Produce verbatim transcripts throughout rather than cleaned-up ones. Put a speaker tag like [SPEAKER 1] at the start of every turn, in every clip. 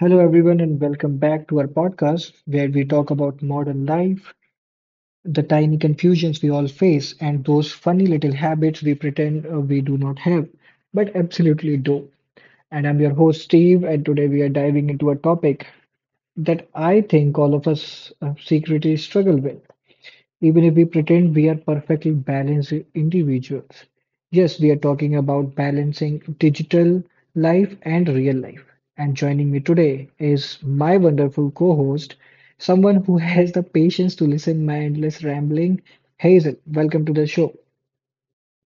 [SPEAKER 1] Hello, everyone, and welcome back to our podcast where we talk about modern life, the tiny confusions we all face, and those funny little habits we pretend uh, we do not have, but absolutely do. And I'm your host, Steve, and today we are diving into a topic that I think all of us uh, secretly struggle with even if we pretend we are perfectly balanced individuals. Yes, we are talking about balancing digital life and real life. And joining me today is my wonderful co-host, someone who has the patience to listen my endless rambling. Hey, Hazel, welcome to the show.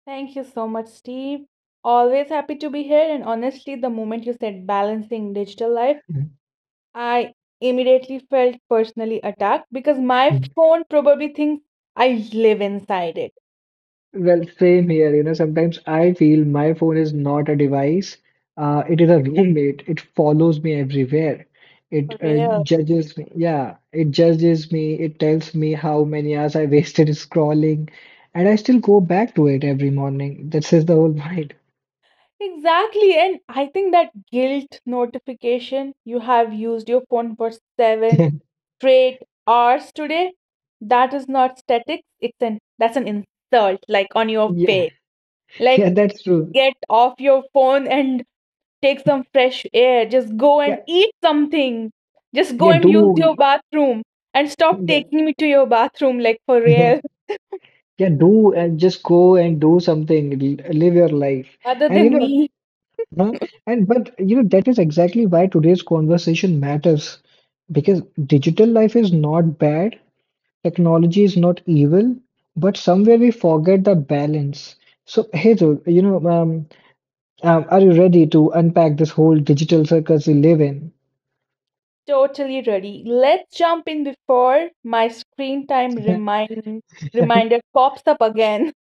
[SPEAKER 2] Thank you so much, Steve. Always happy to be here. And honestly, the moment you said balancing digital life, I immediately felt personally attacked because my phone probably thinks I live inside it.
[SPEAKER 1] Well, same here. You know, sometimes I feel my phone is not a device. Uh, it is a roommate. It follows me everywhere. It
[SPEAKER 2] For
[SPEAKER 1] uh,
[SPEAKER 2] real.
[SPEAKER 1] judges me. Yeah, it judges me. It tells me how many hours I wasted scrolling, and I still go back to it every morning. That is the whole point.
[SPEAKER 2] Exactly. And I think that guilt notification, you have used your phone for seven straight hours today, that is not static. It's an that's an insult, like on your
[SPEAKER 1] Yeah, yeah,
[SPEAKER 2] face. Like
[SPEAKER 1] yeah. That's true.
[SPEAKER 2] get off your phone and take some fresh air, just go and
[SPEAKER 1] Yeah,
[SPEAKER 2] eat something, just go
[SPEAKER 1] yeah.
[SPEAKER 2] and use your
[SPEAKER 1] Do
[SPEAKER 2] bathroom and stop
[SPEAKER 1] yeah,
[SPEAKER 2] taking me to your bathroom, like for
[SPEAKER 1] yeah,
[SPEAKER 2] real.
[SPEAKER 1] yeah. Do and just go and do something. L- Live your life.
[SPEAKER 2] Other
[SPEAKER 1] And you
[SPEAKER 2] than
[SPEAKER 1] know,
[SPEAKER 2] me,
[SPEAKER 1] huh? And but you know that is exactly why today's conversation matters, because digital life is not bad, technology is not evil, but somewhere we forget the balance. So hey, Dhruv, you know, um, um, are you ready to unpack this whole digital circus we live in?
[SPEAKER 2] totally ready. Let's jump in before my screen time remind reminder pops up again.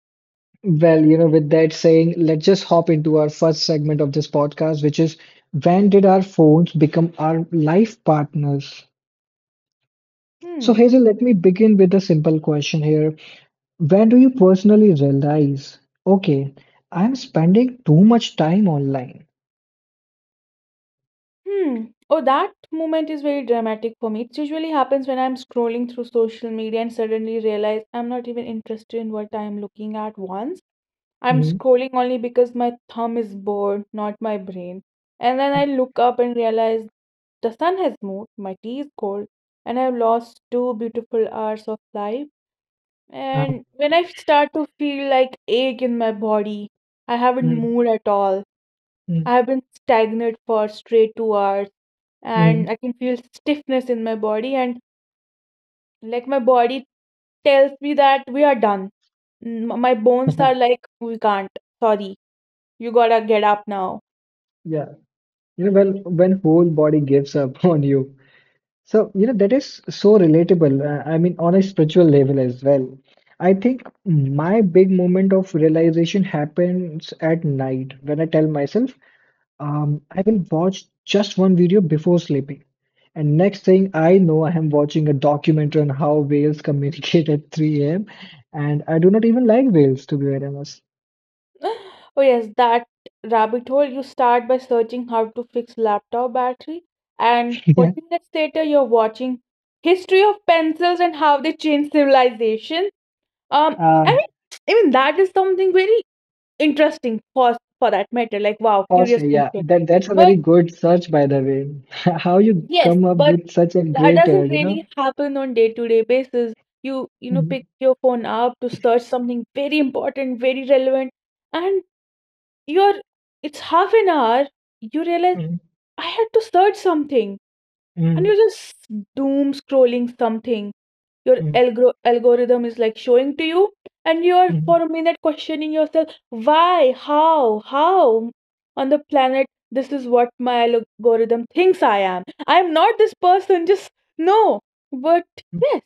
[SPEAKER 1] Well, you know, with that saying, let's just hop into our first segment of this podcast, which is: when did our phones become our life partners? So,
[SPEAKER 2] Hmm.
[SPEAKER 1] Hazel, let me begin with a simple question here. When do you personally realize, okay, I'm spending too much time online?
[SPEAKER 2] Hmm. Oh, that moment is very dramatic for me. It usually happens when I'm scrolling through social media and suddenly realize I'm not even interested in what I'm looking at once. I'm
[SPEAKER 1] Mm,
[SPEAKER 2] scrolling only because my thumb is bored, not my brain. And then I look up and realize the sun has moved, my tea is cold, and I've lost two beautiful hours of life.
[SPEAKER 1] um,
[SPEAKER 2] And when I start to feel like ache in my body, I haven't
[SPEAKER 1] mm,
[SPEAKER 2] moved at all.
[SPEAKER 1] mm,
[SPEAKER 2] I have been stagnant for straight two hours, and
[SPEAKER 1] mm.
[SPEAKER 2] I can feel stiffness in my body, and like my body tells me that we are done. M- My bones are like, we can't, sorry. You gotta get up now.
[SPEAKER 1] Yeah, you know, well, when whole body gives up on you. So, you know, that is so relatable. uh, I mean, on a spiritual level as well. I think my big moment of realization happens at night when I tell myself, Um, I will watch just one video before sleeping. And next thing I know, I am watching a documentary on how whales communicate at three a m. And I do not even like whales, to be very honest.
[SPEAKER 2] Oh, yes, that rabbit hole. You start by searching how to fix laptop battery, and
[SPEAKER 1] Yeah.
[SPEAKER 2] forty minutes later, you're watching history of pencils and how they changed civilization. Um,
[SPEAKER 1] Uh,
[SPEAKER 2] I mean, even that is something very interesting for for that matter. Like, wow, curious
[SPEAKER 1] firstly, yeah,
[SPEAKER 2] question.
[SPEAKER 1] that that's a
[SPEAKER 2] But
[SPEAKER 1] very good search, by the way. How you
[SPEAKER 2] yes,
[SPEAKER 1] come up
[SPEAKER 2] but
[SPEAKER 1] with such a
[SPEAKER 2] that
[SPEAKER 1] great, uh,
[SPEAKER 2] doesn't
[SPEAKER 1] you know?
[SPEAKER 2] really happen on day to day basis. You you know pick
[SPEAKER 1] Mhm,
[SPEAKER 2] your phone up to search something very important, very relevant, and You're it's half an hour, you realize
[SPEAKER 1] mhm,
[SPEAKER 2] I had to search something and
[SPEAKER 1] mhm,
[SPEAKER 2] you're just doom scrolling something. Your algor- algorithm is like showing to you and you're
[SPEAKER 1] mhm,
[SPEAKER 2] for a minute questioning yourself why, how, how on the planet this is what my algorithm thinks I am. I'm not this person, just no. But
[SPEAKER 1] mhm.
[SPEAKER 2] yes,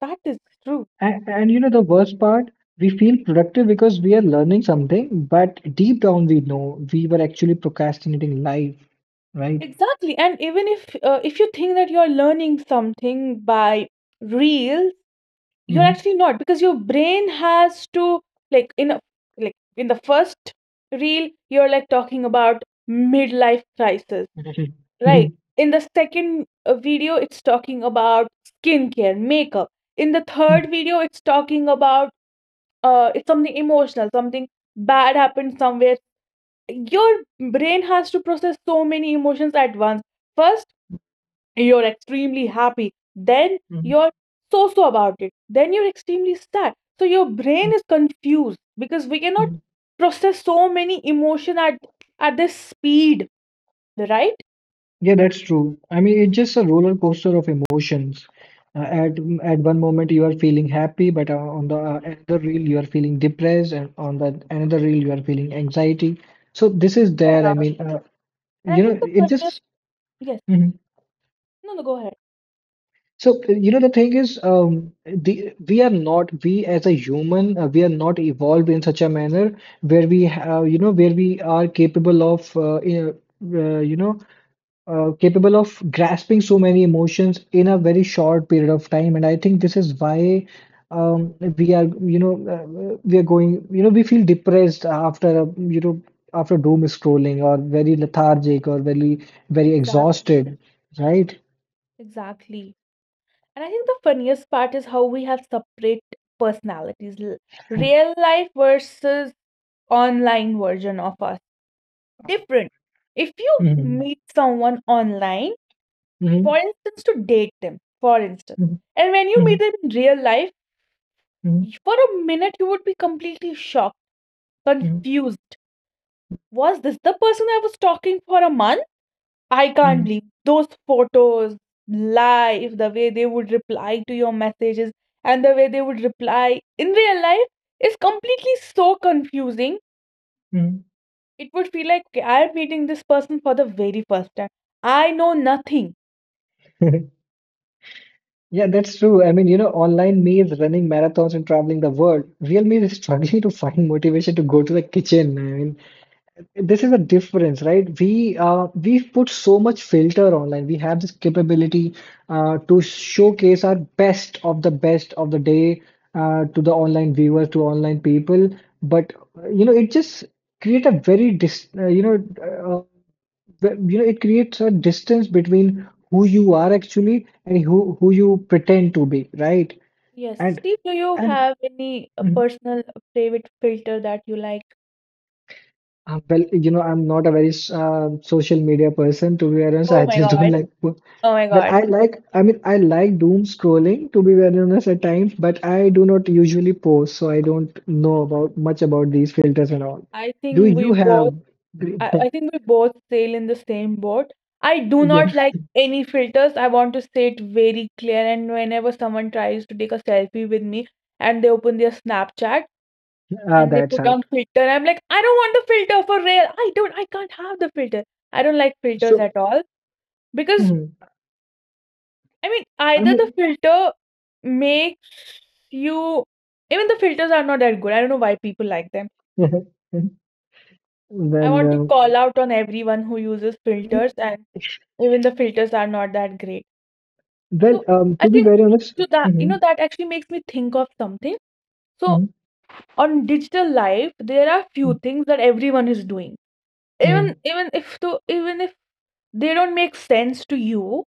[SPEAKER 2] that is true.
[SPEAKER 1] And, and you know, the worst part, we feel productive because we are learning something, but deep down we know we were actually procrastinating life, right?
[SPEAKER 2] Exactly. And even if uh, if you think that you're learning something by reels, you're
[SPEAKER 1] Mhm.
[SPEAKER 2] actually not because your brain has to like in a, like in the first reel you're like talking about midlife crisis,
[SPEAKER 1] Mhm.
[SPEAKER 2] right? In the second uh, video it's talking about skincare, makeup. In the
[SPEAKER 1] Mhm.
[SPEAKER 2] third video it's talking about uh it's something emotional, something bad happened somewhere. Your brain has to process so many emotions at once. First you're extremely happy, then
[SPEAKER 1] Mhm.
[SPEAKER 2] you're so so about it, then you're extremely sad, so your
[SPEAKER 1] Mhm.
[SPEAKER 2] brain
[SPEAKER 1] Mhm.
[SPEAKER 2] is confused because we cannot process so many emotion at at this speed, right?
[SPEAKER 1] Yeah, that's true. I mean, it's just a roller coaster of emotions. Uh, at at one moment you are feeling happy, but uh, on the uh, another reel you are feeling depressed, and on the another reel you are feeling anxiety. So this is there.
[SPEAKER 2] Yeah,
[SPEAKER 1] I mean, uh,
[SPEAKER 2] and I
[SPEAKER 1] you
[SPEAKER 2] think
[SPEAKER 1] know,
[SPEAKER 2] the
[SPEAKER 1] it
[SPEAKER 2] funniest,
[SPEAKER 1] just.
[SPEAKER 2] yes,
[SPEAKER 1] Mm-hmm.
[SPEAKER 2] no, no, go ahead,
[SPEAKER 1] So, uh, you know, the thing is, um, the, we are not, we as a human, uh, we are not evolved in such a manner where we have, you know, where we are capable of, uh, in- a- uh, you know, uh, capable of grasping so many emotions in a very short period of time. And I think this is why um, we are, you know, uh, we are going, you know, we feel depressed after, a, you know, after doom scrolling, or very lethargic or very, very exhausted,
[SPEAKER 2] exactly.
[SPEAKER 1] right?
[SPEAKER 2] Exactly. And I think the funniest part is how we have separate personalities. l- Real life versus online version of us. Different. If you
[SPEAKER 1] Hmm,
[SPEAKER 2] meet someone online,
[SPEAKER 1] hmm.
[SPEAKER 2] for instance, to date them, for instance. And when you meet
[SPEAKER 1] Mhm,
[SPEAKER 2] them in real life,
[SPEAKER 1] mhm,
[SPEAKER 2] y- for a minute you would be completely shocked,
[SPEAKER 1] mhm,
[SPEAKER 2] confused. Was this the person I was talking for a month? I can't
[SPEAKER 1] mhm,
[SPEAKER 2] believe those photos, live, the way they would reply to your messages, and the way they would reply in real life is completely so confusing.
[SPEAKER 1] mhm.
[SPEAKER 2] It would feel like, okay, I'm meeting this person for the very first time. I know nothing.
[SPEAKER 1] Yeah, that's true. I mean, you know, online me is running marathons and traveling the world. Real me is struggling to find motivation to go to the kitchen. I mean, this is a difference, right? We uh we put so much filter online. We have this capability uh to showcase our best of the best of the day uh to the online viewers, to online people. But uh, you know, it just create a very dis uh, you know uh, the- you know it creates a distance between who you are actually and who who you pretend to be, right?
[SPEAKER 2] Yes.
[SPEAKER 1] and
[SPEAKER 2] Steve, do you
[SPEAKER 1] and
[SPEAKER 2] have any uh,
[SPEAKER 1] Mhm.
[SPEAKER 2] personal uh, favorite filter that you like?
[SPEAKER 1] uh, well, you know I'm not a very uh, social media person, to be honest.
[SPEAKER 2] Oh
[SPEAKER 1] I
[SPEAKER 2] my
[SPEAKER 1] just don't
[SPEAKER 2] God.
[SPEAKER 1] like, well,
[SPEAKER 2] Oh my God.
[SPEAKER 1] I like, I mean, I like doom scrolling, to be very honest, at times, but I do not usually post, so I don't know about much about these filters and all.
[SPEAKER 2] I
[SPEAKER 1] Do
[SPEAKER 2] think we
[SPEAKER 1] you
[SPEAKER 2] both,
[SPEAKER 1] have?
[SPEAKER 2] I, I think we both sail in the same boat. I do
[SPEAKER 1] Yeah,
[SPEAKER 2] not like any filters. I want to say it very clear, and whenever someone tries to take a selfie with me and they open their Snapchat
[SPEAKER 1] ah,
[SPEAKER 2] and they
[SPEAKER 1] that's
[SPEAKER 2] put on
[SPEAKER 1] out.
[SPEAKER 2] filter, I'm like, I don't want the filter for real. I don't I can't have the filter. I don't like filters
[SPEAKER 1] So
[SPEAKER 2] at all because
[SPEAKER 1] mhm.
[SPEAKER 2] I mean,
[SPEAKER 1] I
[SPEAKER 2] either the
[SPEAKER 1] mean,
[SPEAKER 2] filter makes you, even the filters are not that good. I don't know why people like them. I
[SPEAKER 1] well,
[SPEAKER 2] want to
[SPEAKER 1] um,
[SPEAKER 2] call out on everyone who uses
[SPEAKER 1] mhm.
[SPEAKER 2] filters, and even the filters are not that great.
[SPEAKER 1] Well,
[SPEAKER 2] So
[SPEAKER 1] um,
[SPEAKER 2] I
[SPEAKER 1] to be
[SPEAKER 2] think
[SPEAKER 1] very honest,
[SPEAKER 2] to that, you
[SPEAKER 1] hmm,
[SPEAKER 2] know, that actually makes me think of something. So
[SPEAKER 1] hmm,
[SPEAKER 2] on digital life, there are
[SPEAKER 1] hmm,
[SPEAKER 2] few things that everyone is doing.
[SPEAKER 1] hmm,
[SPEAKER 2] Even even if to even if they don't make sense to you,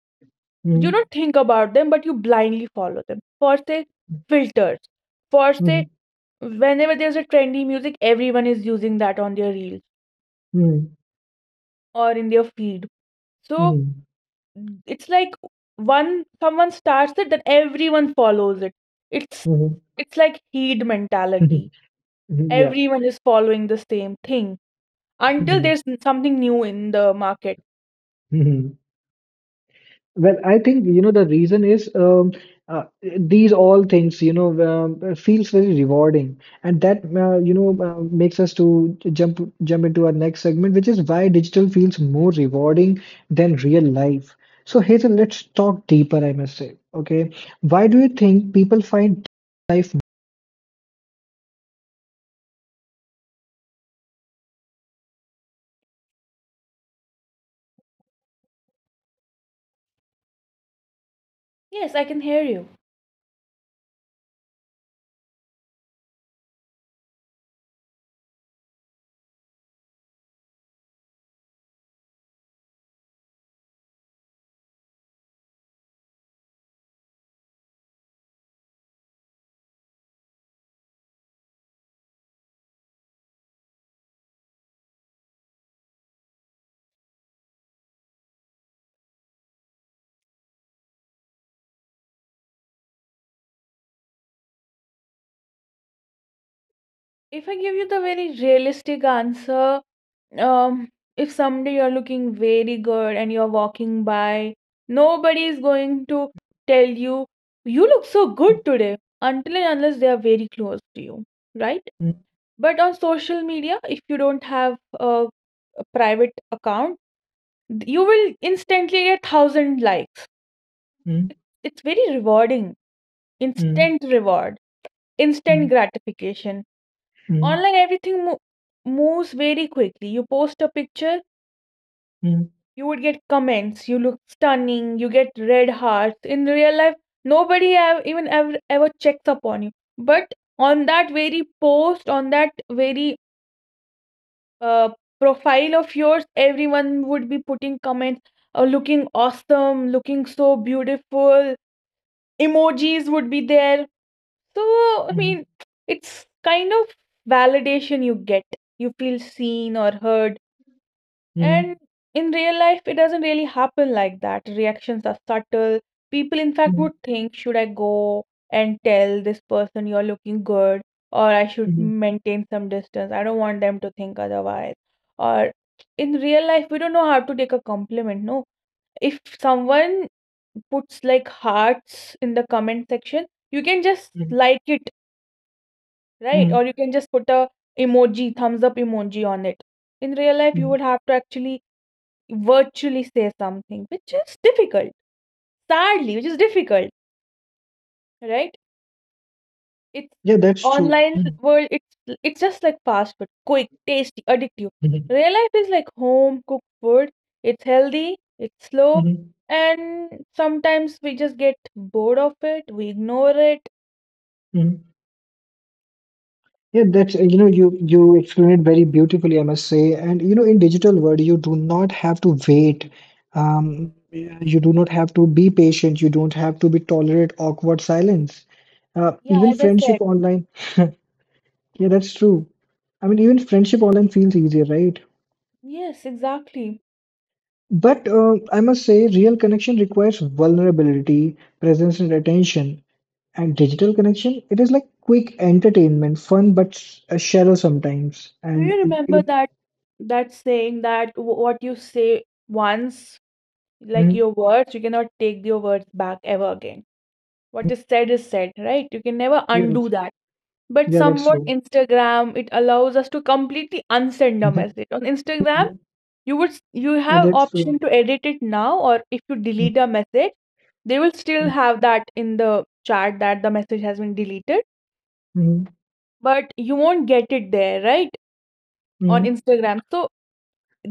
[SPEAKER 2] you
[SPEAKER 1] hmm,
[SPEAKER 2] don't think about them, but you blindly follow them. For say filters, for say
[SPEAKER 1] hmm,
[SPEAKER 2] whenever there's a trendy music, everyone is using that on their reel or in their feed. So
[SPEAKER 1] hmm,
[SPEAKER 2] it's like one someone starts it, then everyone follows it. It's
[SPEAKER 1] hmm.
[SPEAKER 2] it's like heed mentality.
[SPEAKER 1] Yeah.
[SPEAKER 2] Everyone is following the same thing until
[SPEAKER 1] Hmm,
[SPEAKER 2] there's n- something new in the market.
[SPEAKER 1] hmm. Well, I think you know the reason is, um, uh, these all things, you know um, feels very rewarding, and that uh, you know uh, makes us to jump jump into our next segment, which is: why digital feels more rewarding than real life. So Hazel, let's talk deeper, I must say. Okay, why do you think people find life
[SPEAKER 2] Yes, I can hear you. If I give you the very realistic answer, um if someday you're looking very good and you're walking by, nobody is going to tell you you look so
[SPEAKER 1] Mm,
[SPEAKER 2] good today until and unless they are very close to you, right?
[SPEAKER 1] mm,
[SPEAKER 2] But on social media, if you don't have a, a private account, you will instantly get a thousand likes.
[SPEAKER 1] mm,
[SPEAKER 2] It's, it's very rewarding,
[SPEAKER 1] mm,
[SPEAKER 2] instant reward, instant gratification
[SPEAKER 1] mm,
[SPEAKER 2] online. Everything mo- moves very quickly. You post a picture,
[SPEAKER 1] mm,
[SPEAKER 2] you would get comments, you look stunning, you get red hearts. In real life, nobody have even ever, ever checks upon you. But on that very post, on that very uh, profile of yours, everyone would be putting comments, uh, looking awesome, looking so beautiful. Emojis would be there. So, I
[SPEAKER 1] mm,
[SPEAKER 2] mean, it's kind of validation you get. You feel seen or heard. And
[SPEAKER 1] mm,
[SPEAKER 2] in real life, it doesn't really happen like that. Reactions are subtle. People, in
[SPEAKER 1] mm,
[SPEAKER 2] fact,
[SPEAKER 1] mm,
[SPEAKER 2] would think, should I go and tell this person you're looking good, or I should
[SPEAKER 1] mm,
[SPEAKER 2] maintain some distance? I don't want them to think otherwise. Or in real life, we don't know how to take a compliment. No, if someone puts like hearts in the comment section, you can just
[SPEAKER 1] mm,
[SPEAKER 2] like it, right?
[SPEAKER 1] mm,
[SPEAKER 2] Or you can just put a emoji, thumbs up emoji on it. In real life, you
[SPEAKER 1] mm.
[SPEAKER 2] would have to actually virtually say something, which is difficult. Sadly, which is difficult, right? It's
[SPEAKER 1] Yeah, that's true.
[SPEAKER 2] online
[SPEAKER 1] Mm,
[SPEAKER 2] world. It's it's just like fast food, quick, tasty, addictive.
[SPEAKER 1] mhm,
[SPEAKER 2] Real life is like home cooked food. It's healthy. It's slow,
[SPEAKER 1] mhm,
[SPEAKER 2] and sometimes we just get bored of it. We ignore it.
[SPEAKER 1] mhm. Yeah, that's uh, you know, you you explained it very beautifully, I must say. And you know, in digital world, you do not have to wait. Um, you do not have to be patient. You don't have to be tolerate awkward silence. Uh,
[SPEAKER 2] Yeah,
[SPEAKER 1] even
[SPEAKER 2] as I
[SPEAKER 1] friendship
[SPEAKER 2] said.
[SPEAKER 1] online. Yeah, that's true. I mean, even friendship online feels easier, right?
[SPEAKER 2] Yes, exactly.
[SPEAKER 1] But uh, I must say, real connection requires vulnerability, presence, and attention. And digital connection, it is like quick entertainment, fun but s- uh, shallow sometimes.
[SPEAKER 2] Do
[SPEAKER 1] And
[SPEAKER 2] you
[SPEAKER 1] it,
[SPEAKER 2] remember
[SPEAKER 1] it
[SPEAKER 2] that that saying that w- what you say once, like
[SPEAKER 1] mm,
[SPEAKER 2] your words, you cannot take your words back ever again? What
[SPEAKER 1] mm,
[SPEAKER 2] is said is said, right? You can never
[SPEAKER 1] yeah,
[SPEAKER 2] undo
[SPEAKER 1] that's,
[SPEAKER 2] that. But
[SPEAKER 1] yeah, that's
[SPEAKER 2] somewhat
[SPEAKER 1] true.
[SPEAKER 2] Instagram, it allows us to completely unsend a message. On Instagram you would s- you
[SPEAKER 1] Yeah,
[SPEAKER 2] have
[SPEAKER 1] that's
[SPEAKER 2] option
[SPEAKER 1] true.
[SPEAKER 2] to edit it now. Or if you
[SPEAKER 1] Mm,
[SPEAKER 2] delete a message, they will still have that in the chat that the message has been deleted,
[SPEAKER 1] mm,
[SPEAKER 2] but you won't get it there, right, on
[SPEAKER 1] mm,
[SPEAKER 2] Instagram. So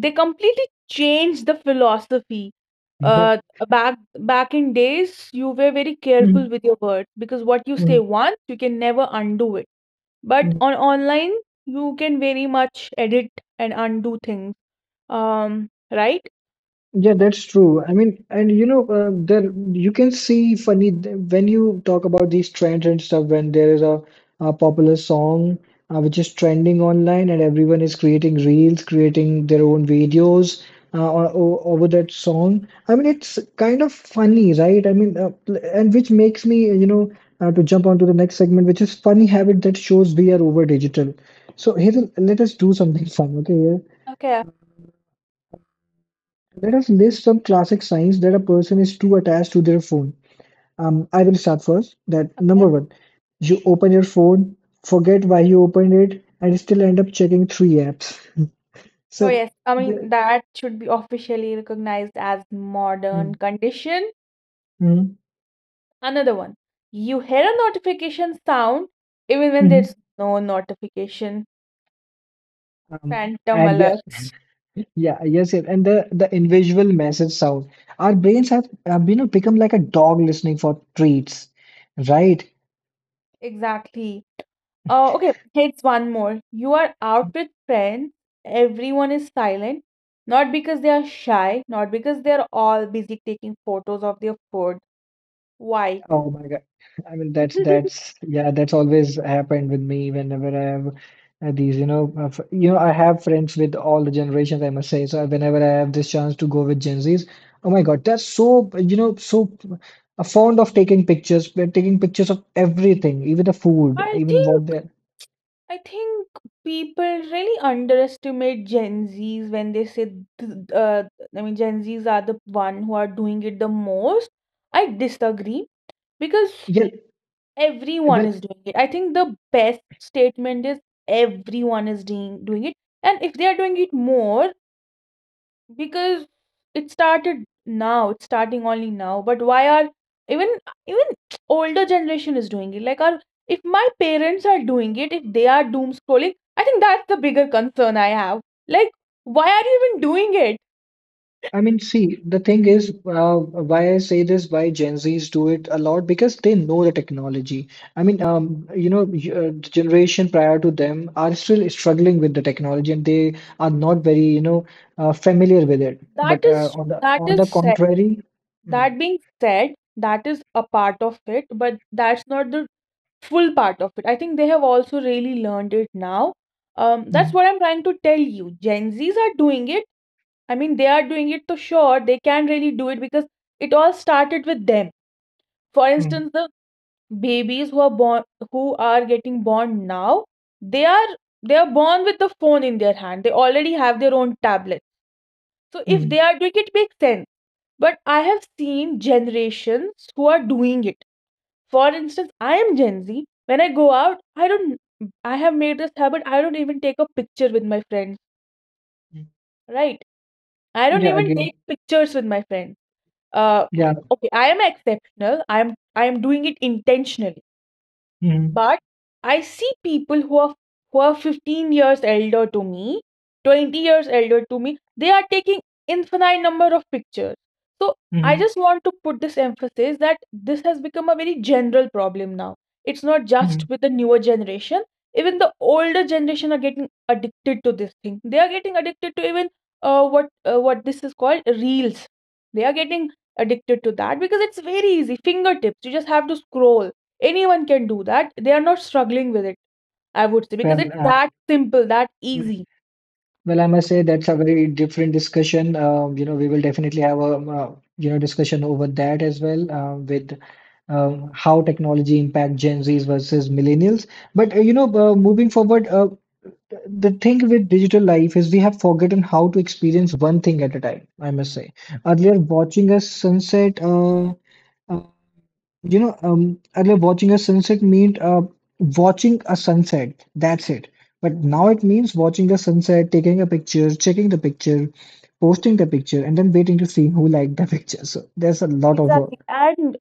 [SPEAKER 2] they completely changed the philosophy.
[SPEAKER 1] mm,
[SPEAKER 2] uh back back in days you were very
[SPEAKER 1] mm,
[SPEAKER 2] careful with your words, because what you say
[SPEAKER 1] mm,
[SPEAKER 2] once you can never undo it, but
[SPEAKER 1] mm.
[SPEAKER 2] on online you can very much edit and undo things. um right,
[SPEAKER 1] Yeah, that's true. I mean, and you know, uh, there you can see funny when you talk about these trends and stuff. When there is a, a popular song uh, which is trending online, and everyone is creating reels, creating their own videos uh, o- o- over that song. I mean, it's kind of funny, right? I mean, uh, pl- and which makes me, you know, uh, to jump onto the next segment, which is: funny habit that shows we are over digital. So here, let us do something fun, okay?
[SPEAKER 2] okay,
[SPEAKER 1] Let us list some classic signs that a person is too attached to their phone. Um, I will start first. That number
[SPEAKER 2] okay.
[SPEAKER 1] one, you open your phone, forget why you opened it, and still end up checking three apps.
[SPEAKER 2] Oh
[SPEAKER 1] So,
[SPEAKER 2] yes, I
[SPEAKER 1] the-
[SPEAKER 2] mean, that should be officially recognized as modern
[SPEAKER 1] mm,
[SPEAKER 2] condition.
[SPEAKER 1] mm,
[SPEAKER 2] Another one, you hear a notification sound even when
[SPEAKER 1] mm,
[SPEAKER 2] there's no notification,
[SPEAKER 1] um,
[SPEAKER 2] phantom
[SPEAKER 1] and yeah,
[SPEAKER 2] alert.
[SPEAKER 1] yeah, yes, yes, and the the invisible message sound. Our brains have, have you know become like a dog listening for treats, right?
[SPEAKER 2] Exactly. Uh, okay, here's one more. You are out with friends, everyone is silent, not because they are shy, not because they're all busy taking photos of their food. Why?
[SPEAKER 1] Oh my God. I mean, that's, that's yeah, that's always happened with me whenever I have uh, these, you know, uh, f- you know, I have friends with all the generations, I must say. So uh, whenever I have this chance to go with Gen Zs, oh my God, they're so, you know, so uh, fond of taking pictures. They're taking pictures of everything, even the food,
[SPEAKER 2] I
[SPEAKER 1] even
[SPEAKER 2] think,
[SPEAKER 1] what they're.
[SPEAKER 2] I think people really underestimate Gen Zs when they say th- uh, I mean Gen Zs are the one who are doing it the most. I disagree, because
[SPEAKER 1] Yeah,
[SPEAKER 2] everyone
[SPEAKER 1] well,
[SPEAKER 2] is doing it. I think the best statement is everyone is doing doing it. And if they are doing it more, because it started now, it's starting only now. But why are even even older generation is doing it? Like our, if my parents are doing it, if they are doom scrolling, I think that's the bigger concern I have. Like, why are you even doing it?
[SPEAKER 1] I mean, see, the thing is, uh, why I say this, why Gen Zs do it a lot, because they know the technology. I mean, um, you know, y- uh, the generation prior to them are still struggling with the technology, and they are not very, you know, uh, familiar with it.
[SPEAKER 2] That
[SPEAKER 1] But uh,
[SPEAKER 2] is
[SPEAKER 1] on the
[SPEAKER 2] that
[SPEAKER 1] on
[SPEAKER 2] is
[SPEAKER 1] the
[SPEAKER 2] sad.
[SPEAKER 1] contrary, mm,
[SPEAKER 2] That being said, that is a part of it, but that's not the full part of it. I think they have also really learned it now. Um, that's
[SPEAKER 1] mm,
[SPEAKER 2] what I'm trying to tell you. Gen Zs are doing it. I mean, they are doing it to sure. They can really do it because it all started with them. For
[SPEAKER 1] mm,
[SPEAKER 2] instance, the babies who are born, who are getting born now, they are they are born with the phone in their hand. They already have their own tablet. So if
[SPEAKER 1] mm,
[SPEAKER 2] they are doing it, makes sense. But I have seen generations who are doing it, for instance, I am Gen Z. When I go out, I don't, I have made this habit, I don't even take a picture with my friends,
[SPEAKER 1] mm.
[SPEAKER 2] right? I don't
[SPEAKER 1] Yeah,
[SPEAKER 2] even
[SPEAKER 1] again,
[SPEAKER 2] take pictures with my friends. Uh,
[SPEAKER 1] yeah,
[SPEAKER 2] okay, I am exceptional. I am, I am doing it intentionally.
[SPEAKER 1] mm,
[SPEAKER 2] But I see people who are who are fifteen years elder to me, twenty years elder to me. They are taking infinite number of pictures. So I
[SPEAKER 1] mm,
[SPEAKER 2] just want to put this emphasis that this has become a very general problem now. It's not just
[SPEAKER 1] mm.
[SPEAKER 2] with the newer generation. Even the older generation are getting addicted to this thing. They are getting addicted to even uh, what uh, what this is called, reels. They are getting addicted to that because it's very easy. Fingertips. You just have to scroll. Anyone can do that. They are not struggling with it, I would say, because
[SPEAKER 1] Well,
[SPEAKER 2] it's
[SPEAKER 1] uh,
[SPEAKER 2] that simple, that easy.
[SPEAKER 1] well, I must say that's a very different discussion. Um, you know, we will definitely have a um, uh, you know discussion over that as well, uh, with um, how technology impact Gen Zs versus millennials. But uh, you know, uh, moving forward, uh, the thing with digital life is we have forgotten how to experience one thing at a time. I must say, earlier watching a sunset. Uh, uh, you know, um, earlier watching a sunset meant uh, watching a sunset. That's it. But now it means watching a sunset, taking a picture, checking the picture, posting the picture, and then waiting to see who liked the picture. So there's a lot of
[SPEAKER 2] Exactly.
[SPEAKER 1] work.
[SPEAKER 2] And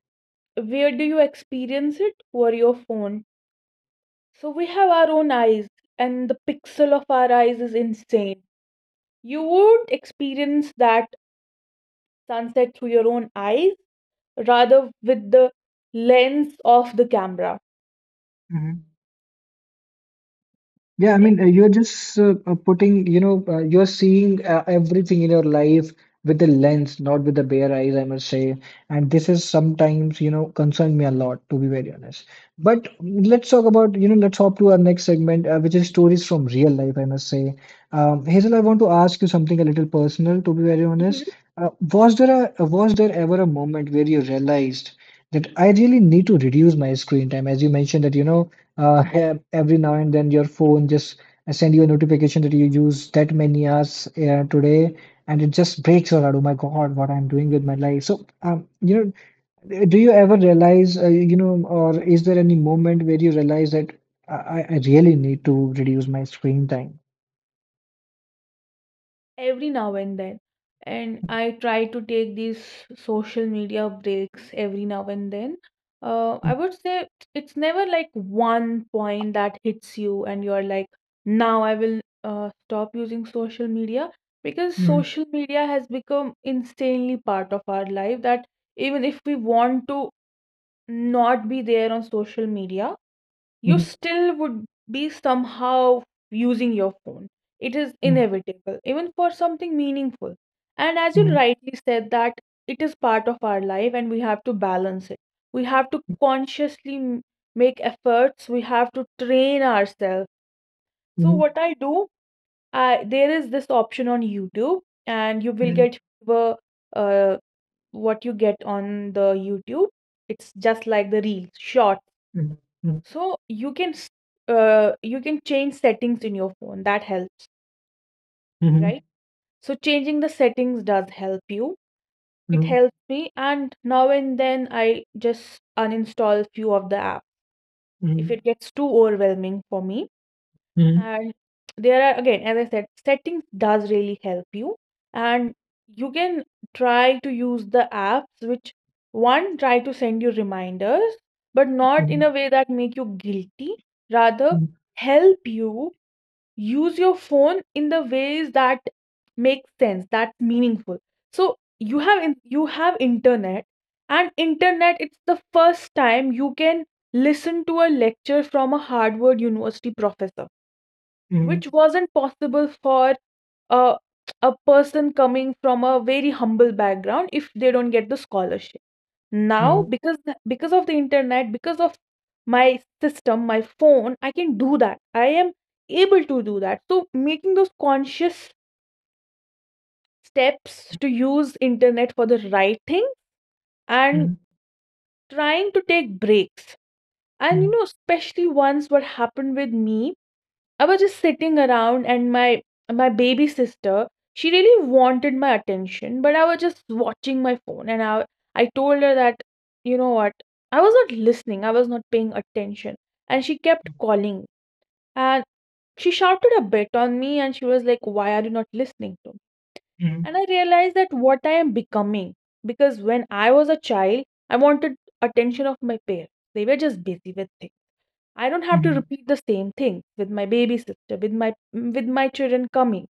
[SPEAKER 2] where do you experience it? Were your phone. So we have our own eyes, and the pixel of our eyes is insane. You would experience that sunset through your own eyes rather with the lens of the camera.
[SPEAKER 1] Yeah, I
[SPEAKER 2] Yes,
[SPEAKER 1] mean, uh, you're just uh, uh, putting, you know, uh, you're seeing uh, everything in your life with the lens, not with the bare eyes, I must say. And this is sometimes, you know, concerned me a lot, to be very honest. But let's talk about, you know, let's hop to our next segment, uh, which is stories from real life, I must say. Um, Hazel, I want to ask you something a little personal, to be very honest. Uh, was there a, was there ever a moment where you realized that I really need to reduce my screen time? As you mentioned that, you know, uh, have every now and then your phone just send you a notification that you use that many hours uh, today, and it just breaks your heart. Oh my god, what I'm doing with my life? So, um, you know do you ever realize, uh, you know or is there any moment where you realize that i, I I really need to reduce my screen time?
[SPEAKER 2] every now and then. And I try to take these social media breaks every now and then. uh, I would say it's never like one point that hits you and you're like, now I will uh, stop using social media, because
[SPEAKER 1] Mm,
[SPEAKER 2] social media has become insanely part of our life that even if we want to not be there on social media, you
[SPEAKER 1] mm,
[SPEAKER 2] still would be somehow using your phone. It is
[SPEAKER 1] mhm,
[SPEAKER 2] inevitable, even for something meaningful. And as you
[SPEAKER 1] mm,
[SPEAKER 2] rightly said, that it is part of our life and we have to balance it. We have to consciously m- make efforts, we have to train ourselves. So,
[SPEAKER 1] mm,
[SPEAKER 2] what I do, I, there is this option on YouTube, and you will
[SPEAKER 1] mhm,
[SPEAKER 2] get the, uh, what you get on the YouTube. It's just like the reels, short,
[SPEAKER 1] mm, mm,
[SPEAKER 2] so you can s- uh, you can change settings in your phone. That helps,
[SPEAKER 1] mm, mhm,
[SPEAKER 2] right? So changing the settings does help you. It
[SPEAKER 1] mm,
[SPEAKER 2] helps me, and now and then I just uninstall few of the app if
[SPEAKER 1] mm,
[SPEAKER 2] it gets too overwhelming for me.
[SPEAKER 1] mm, mhm,
[SPEAKER 2] And there are, again, as I said, settings does really help you, and you can try to use the apps which one try to send you reminders, but not in
[SPEAKER 1] mm,
[SPEAKER 2] a way that make you guilty. Rather, help you use your phone in the ways that make sense, that's meaningful. So you have in, you have internet, and internet, it's the first time you can listen to a lecture from a Harvard University professor,
[SPEAKER 1] mm,
[SPEAKER 2] which wasn't possible for a, a person coming from a very humble background if they don't get the scholarship. Now,
[SPEAKER 1] mm,
[SPEAKER 2] because the- because of the internet, because of my system, my phone, I can do that. I am able to do that. So making those conscious steps to use internet for the right thing and
[SPEAKER 1] mm,
[SPEAKER 2] trying to take breaks. And you
[SPEAKER 1] mm,
[SPEAKER 2] know, especially once, what happened with me, I was just sitting around and my my baby sister, she really wanted my attention, but I was just watching my phone. And I I told her that, you know what, I was not listening, I was not paying attention. And she kept calling and she shouted a bit on me and she was like, why are you not listening to me?
[SPEAKER 1] mm,
[SPEAKER 2] And I realized that what I am becoming, because when I was a child, I wanted attention of my parents. They were just busy with things. I don't
[SPEAKER 1] mm,
[SPEAKER 2] have to
[SPEAKER 1] mm.
[SPEAKER 2] repeat the same thing with my baby sister, with my with my children coming.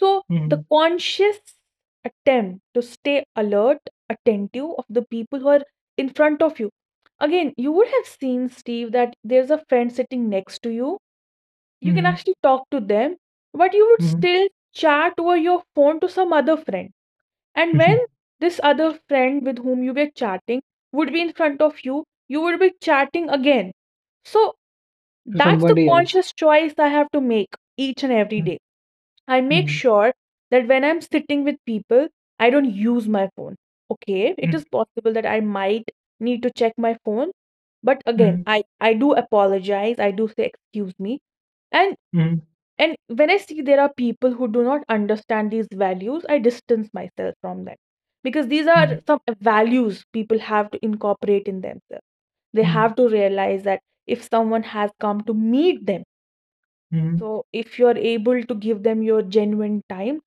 [SPEAKER 2] So the
[SPEAKER 1] Mhm,
[SPEAKER 2] conscious attempt to stay alert, attentive of the people who are in front of you. Again, you would have seen, Steve, that there's a friend sitting next to you. You can
[SPEAKER 1] mhm,
[SPEAKER 2] actually talk to them, but you would
[SPEAKER 1] mhm.
[SPEAKER 2] still chat over your phone to some other friend. And when this other friend with whom you were chatting would be in front of you, you would be chatting again. So
[SPEAKER 1] To
[SPEAKER 2] that's the
[SPEAKER 1] somebody else.
[SPEAKER 2] conscious choice I have to make each and every
[SPEAKER 1] Mhm,
[SPEAKER 2] day. I make
[SPEAKER 1] mhm,
[SPEAKER 2] sure that when I'm sitting with people, I don't use my phone. Okay, it
[SPEAKER 1] mhm,
[SPEAKER 2] is possible that I might need to check my phone, but again,
[SPEAKER 1] mhm,
[SPEAKER 2] I I do apologize. I do say excuse me. And
[SPEAKER 1] mhm,
[SPEAKER 2] and when I see there are people who do not understand these values, I distance myself from them, because these are
[SPEAKER 1] mhm,
[SPEAKER 2] some values people have to incorporate in themselves. They
[SPEAKER 1] mhm,
[SPEAKER 2] have to realize that if someone has come to meet them,
[SPEAKER 1] mhm, mhm,
[SPEAKER 2] so if you're able to give them your genuine time,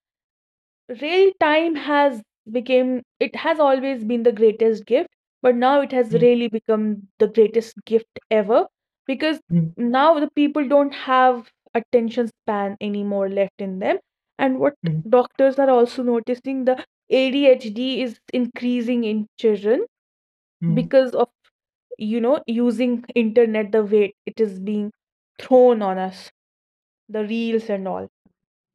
[SPEAKER 2] real time has became, it has always been the greatest gift, but now it has
[SPEAKER 1] mhm,
[SPEAKER 2] really become the greatest gift ever, because
[SPEAKER 1] mhm.
[SPEAKER 2] now the people don't have attention span anymore left in them. And what doctors are also noticing, the A D H D is increasing in children
[SPEAKER 1] Mhm.
[SPEAKER 2] because of, you know, using internet the way it is being thrown on us, the reels and all.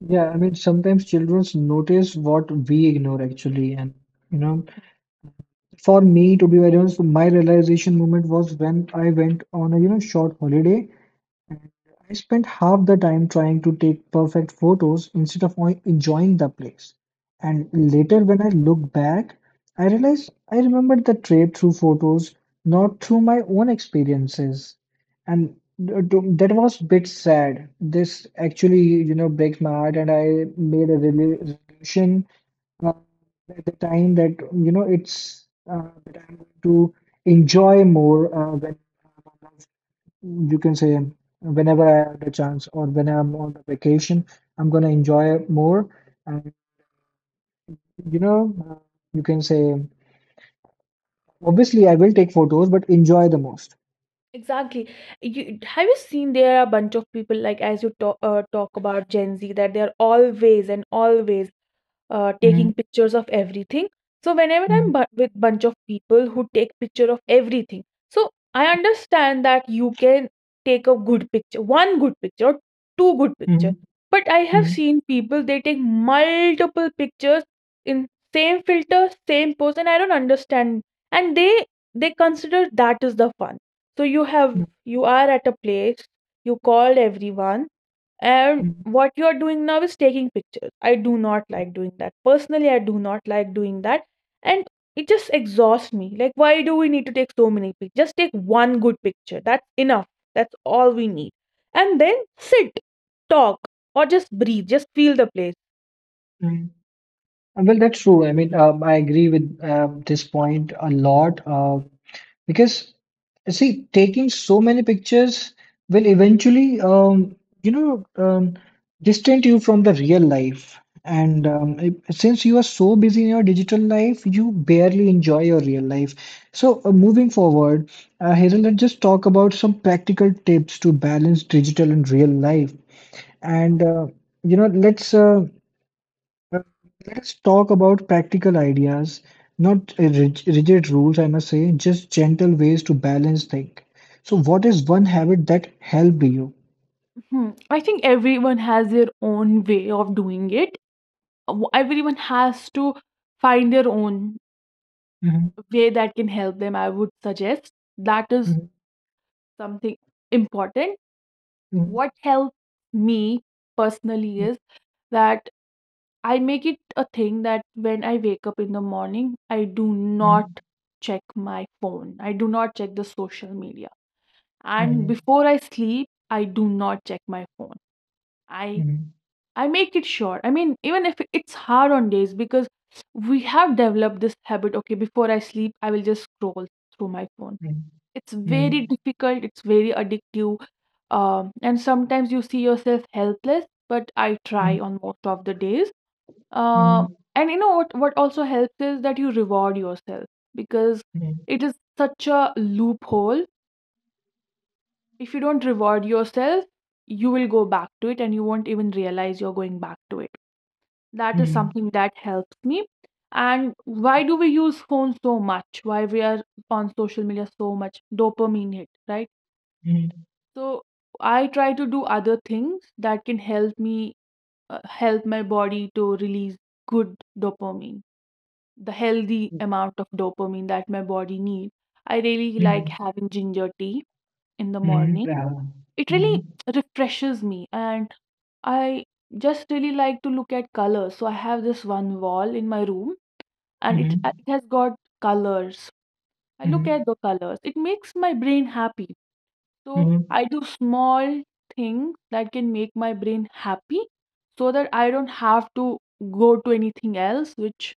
[SPEAKER 1] Yeah, I mean, sometimes children notice what we ignore actually. And, you know, for me, to be very honest, my realization moment was when I went on a, you know, short holiday, and I spent half the time trying to take perfect photos instead of en- enjoying the place. And later, when I look back, I realized I remembered the trip through photos, not through my own experiences. And th- th- that was a bit sad. This actually, you know, breaks my heart, and I made a rela- resolution uh, at the time that, you know, it's uh, that I'm going to enjoy more uh, when you can say whenever I have the chance, or when I'm on the vacation, I'm gonna enjoy it more. And you know, uh, you can say obviously I will take photos, but enjoy the most.
[SPEAKER 2] Exactly. You have, you seen there are a bunch of people, like as you talk uh, talk about Gen Z, that they are always and always uh, taking
[SPEAKER 1] Mm,
[SPEAKER 2] pictures of everything. So whenever
[SPEAKER 1] mm,
[SPEAKER 2] I'm bu- with bunch of people who take picture of everything, so I understand that you can take a good picture, one good picture or two good picture.
[SPEAKER 1] mm,
[SPEAKER 2] But I have
[SPEAKER 1] mm,
[SPEAKER 2] seen people, they take multiple pictures in same filter, same pose, and I don't understand. And they they consider that is the fun. So you have,
[SPEAKER 1] mm,
[SPEAKER 2] you are at a place, you called everyone, and
[SPEAKER 1] mm,
[SPEAKER 2] what you are doing now is taking pictures. I do not like doing that personally. I do not like doing that, and it just exhausts me. Like, why do we need to take so many pictures? Just take one good picture, that's enough, that's all we need, and then sit, talk, or just breathe, just feel the place.
[SPEAKER 1] mm. Well, that's true. I mean, um, I agree with um, this point a lot. Uh, Because see, taking so many pictures will eventually, um, you know, um, distant you from the real life. And um, it, since you are so busy in your digital life, you barely enjoy your real life. So, uh, moving forward, uh, Hazel, let's just talk about some practical tips to balance digital and real life. And uh, you know, let's, uh, well, let's talk about practical ideas, not uh, rig- rigid rules, I must say, just gentle ways to balance things. So, what is one habit that helped you?
[SPEAKER 2] Hmm. I think everyone has their own way of doing it. W- Everyone has to find their own
[SPEAKER 1] Mhm,
[SPEAKER 2] way that can help them, I would suggest. That is
[SPEAKER 1] mhm,
[SPEAKER 2] something important.
[SPEAKER 1] mhm,
[SPEAKER 2] What helps me personally is that I make it a thing that when I wake up in the morning, I do not
[SPEAKER 1] mhm,
[SPEAKER 2] check my phone. I do not check the social media.
[SPEAKER 1] mhm,
[SPEAKER 2] And
[SPEAKER 1] mhm,
[SPEAKER 2] before I sleep, I do not check my phone. I
[SPEAKER 1] mhm,
[SPEAKER 2] I make it sure. I mean, even if it's hard on days because we have developed this habit, okay, before I sleep, I will just scroll through my phone. It's very
[SPEAKER 1] mhm,
[SPEAKER 2] difficult, it's very addictive. Um, and sometimes you see yourself helpless, but I try
[SPEAKER 1] mhm,
[SPEAKER 2] on most of the days. Um,
[SPEAKER 1] mhm,
[SPEAKER 2] and you know what, what also helps is that you reward yourself, because
[SPEAKER 1] mhm,
[SPEAKER 2] it is such a loophole. If you don't reward yourself, you will go back to it and you won't even realize you're going back to it. That is something that helps me. And why do we use phones so much? Why we are on social media so much? Dopamine hit, right? So I try to do other things that can help me, uh, help my body to release good dopamine, the healthy amount of dopamine that my body needs. I really
[SPEAKER 1] mhm, mhm,
[SPEAKER 2] like
[SPEAKER 1] mhm,
[SPEAKER 2] having ginger tea in the
[SPEAKER 1] mhm,
[SPEAKER 2] morning.
[SPEAKER 1] yeah,
[SPEAKER 2] It
[SPEAKER 1] mhm,
[SPEAKER 2] really refreshes me, and I just really like to look at colors. So I have this one wall in my room, and it, it
[SPEAKER 1] mhm,
[SPEAKER 2] has got colors. I look at
[SPEAKER 1] mhm,
[SPEAKER 2] the colors. It makes my brain happy. So
[SPEAKER 1] mhm,
[SPEAKER 2] I do small things that can make my brain happy, so that I don't have to go to anything else which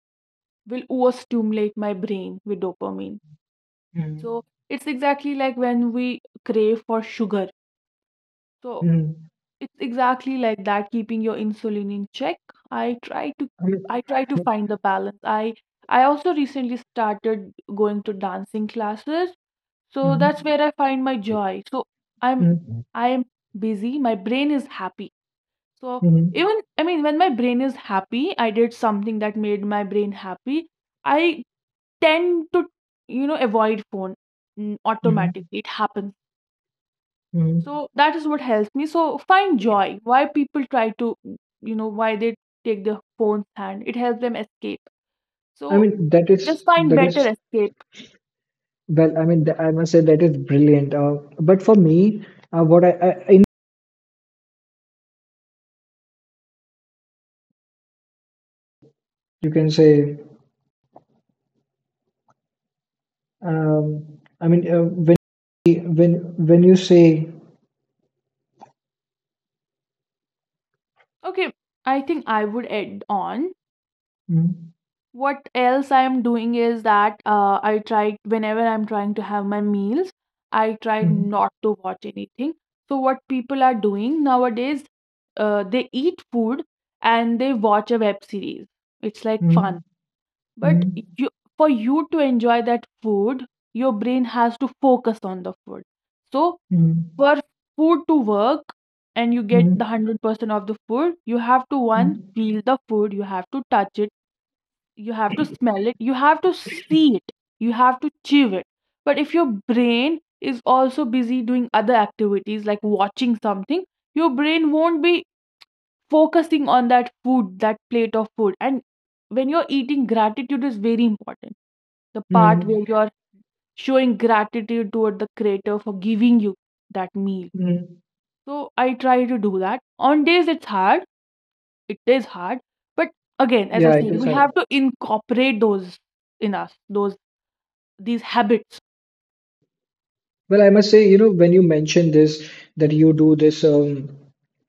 [SPEAKER 2] will overstimulate my brain with dopamine.
[SPEAKER 1] mhm,
[SPEAKER 2] So it's exactly like when we crave for sugar. So
[SPEAKER 1] mhm.
[SPEAKER 2] it's exactly like that, keeping your insulin in check. I try to
[SPEAKER 1] I mean,
[SPEAKER 2] I try to find the balance. I I also recently started going to dancing classes,
[SPEAKER 1] mhm,
[SPEAKER 2] so that's
[SPEAKER 1] mhm,
[SPEAKER 2] where I find my joy. So I'm
[SPEAKER 1] mhm,
[SPEAKER 2] I am busy, my brain is happy. So even, I mean, when my brain is happy, I did something that made my brain happy. I tend to, you know, avoid phone, mm,
[SPEAKER 1] mhm,
[SPEAKER 2] automatically. It happens.
[SPEAKER 1] mhm.
[SPEAKER 2] So that is what helps me. So find joy. Why people try to, you know, why they take the phone's hand. It helps them escape.
[SPEAKER 1] I
[SPEAKER 2] So
[SPEAKER 1] mean, that
[SPEAKER 2] just
[SPEAKER 1] is
[SPEAKER 2] find
[SPEAKER 1] that
[SPEAKER 2] better
[SPEAKER 1] is,
[SPEAKER 2] escape.
[SPEAKER 1] well, I mean, th- I must say that is brilliant. Uh, but for me, uh, what I, I in
[SPEAKER 3] You can say um, I mean uh, when when when you say
[SPEAKER 2] Okay, I think I would add on
[SPEAKER 3] mm,
[SPEAKER 2] what else I am doing is that, uh, I try whenever I'm trying to have my meals, I try
[SPEAKER 3] mm,
[SPEAKER 2] not to watch anything. So what people are doing nowadays, uh, they eat food and they watch a web series. It's like fun.
[SPEAKER 3] mm,
[SPEAKER 2] But
[SPEAKER 3] mm,
[SPEAKER 2] you, for you to enjoy that food, your brain has to focus on the food. So
[SPEAKER 3] mm,
[SPEAKER 2] for food to work and you get the
[SPEAKER 3] mm,
[SPEAKER 2] one hundred percent of the food, you have to one,
[SPEAKER 3] mm,
[SPEAKER 2] feel the food, you have to touch it, you have to smell it, you have to see it, you have to chew it. But if your brain is also busy doing other activities like watching something, your brain won't be focusing on that food, that plate of food. And when you're eating, gratitude is very important, the part
[SPEAKER 3] mm,
[SPEAKER 2] where you're showing gratitude toward the creator for giving you that meal.
[SPEAKER 3] mm.
[SPEAKER 2] So I try to do that. On days it's hard, it is hard, but again, as I
[SPEAKER 3] yeah, it
[SPEAKER 2] said,
[SPEAKER 3] is
[SPEAKER 2] we
[SPEAKER 3] hard.
[SPEAKER 2] have to incorporate those in us, those these habits.
[SPEAKER 3] Well, I must say, you know, when you mention this that you do this um,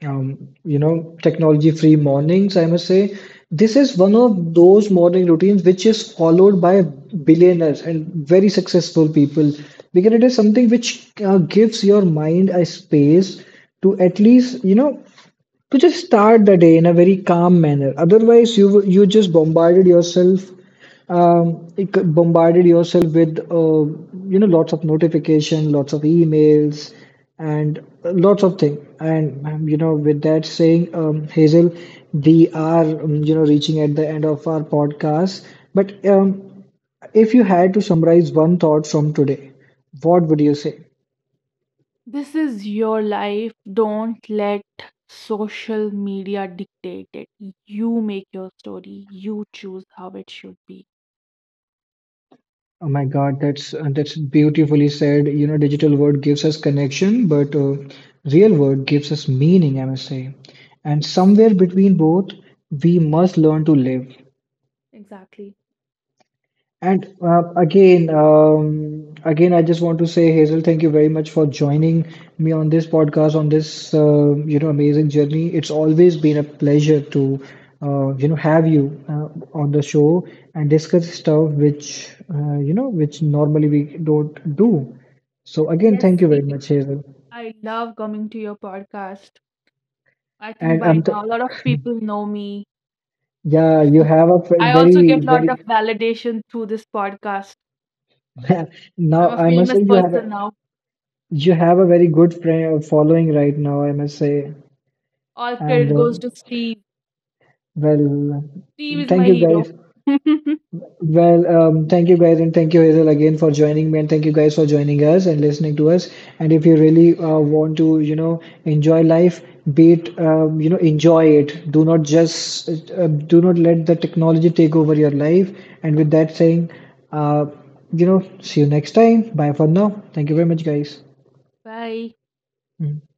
[SPEAKER 3] um, you know, technology free mornings, I must say. This is one of those morning routines which is followed by billionaires and very successful people because it is something which uh, gives your mind a space to, at least, you know, to just start the day in a very calm manner. Otherwise, you you just bombarded yourself, um, it bombarded yourself with uh, you know, lots of notification, lots of emails, and lots of things. And um, you know, with that saying, um, Hazel, we are um, you know, reaching at the end of our podcast. But um, if you had to summarize one thought from today, what would you say?
[SPEAKER 2] This is your life. Don't let social media dictate it. You make your story. You choose how it should be.
[SPEAKER 3] Oh my God, that's uh, that's beautifully said. You know, digital world gives us connection, but uh, real world gives us meaning, I must say. And somewhere between both, we must learn to live.
[SPEAKER 2] Exactly.
[SPEAKER 3] And uh, again, um, again, I just want to say, Hazel, thank you very much for joining me on this podcast, on this uh, you know, amazing journey. It's always been a pleasure to uh, you know, have you uh, on the show and discuss stuff which uh, you know which normally we don't do. So again,
[SPEAKER 2] Yes,
[SPEAKER 3] thank you very
[SPEAKER 2] Steve.
[SPEAKER 3] much, Hazel.
[SPEAKER 2] I love coming to your podcast. I think
[SPEAKER 3] And
[SPEAKER 2] by
[SPEAKER 3] um, th
[SPEAKER 2] now a lot of people know me.
[SPEAKER 3] yeah, you have a fr-
[SPEAKER 2] I also
[SPEAKER 3] very
[SPEAKER 2] get a lot
[SPEAKER 3] very
[SPEAKER 2] of validation through this podcast. I'm
[SPEAKER 3] now
[SPEAKER 2] a
[SPEAKER 3] I must
[SPEAKER 2] famous
[SPEAKER 3] say, you have a
[SPEAKER 2] person now.
[SPEAKER 3] you have a very good friend following right now, I must say.
[SPEAKER 2] All
[SPEAKER 3] And
[SPEAKER 2] credit goes
[SPEAKER 3] um,
[SPEAKER 2] to Steve.
[SPEAKER 3] well,
[SPEAKER 2] Steve is
[SPEAKER 3] thank
[SPEAKER 2] my
[SPEAKER 3] you
[SPEAKER 2] hero.
[SPEAKER 3] guys. Well, um, thank you guys, and thank you Hazel again for joining me, and thank you guys for joining us and listening to us. And if you really uh, want to, you know, enjoy life, be it, um, you know, enjoy it. Do not just, uh, do not let the technology take over your life. And with that saying, uh, you know, see you next time. Bye for now. Thank you very much, guys.
[SPEAKER 2] Bye.
[SPEAKER 3] Mhm.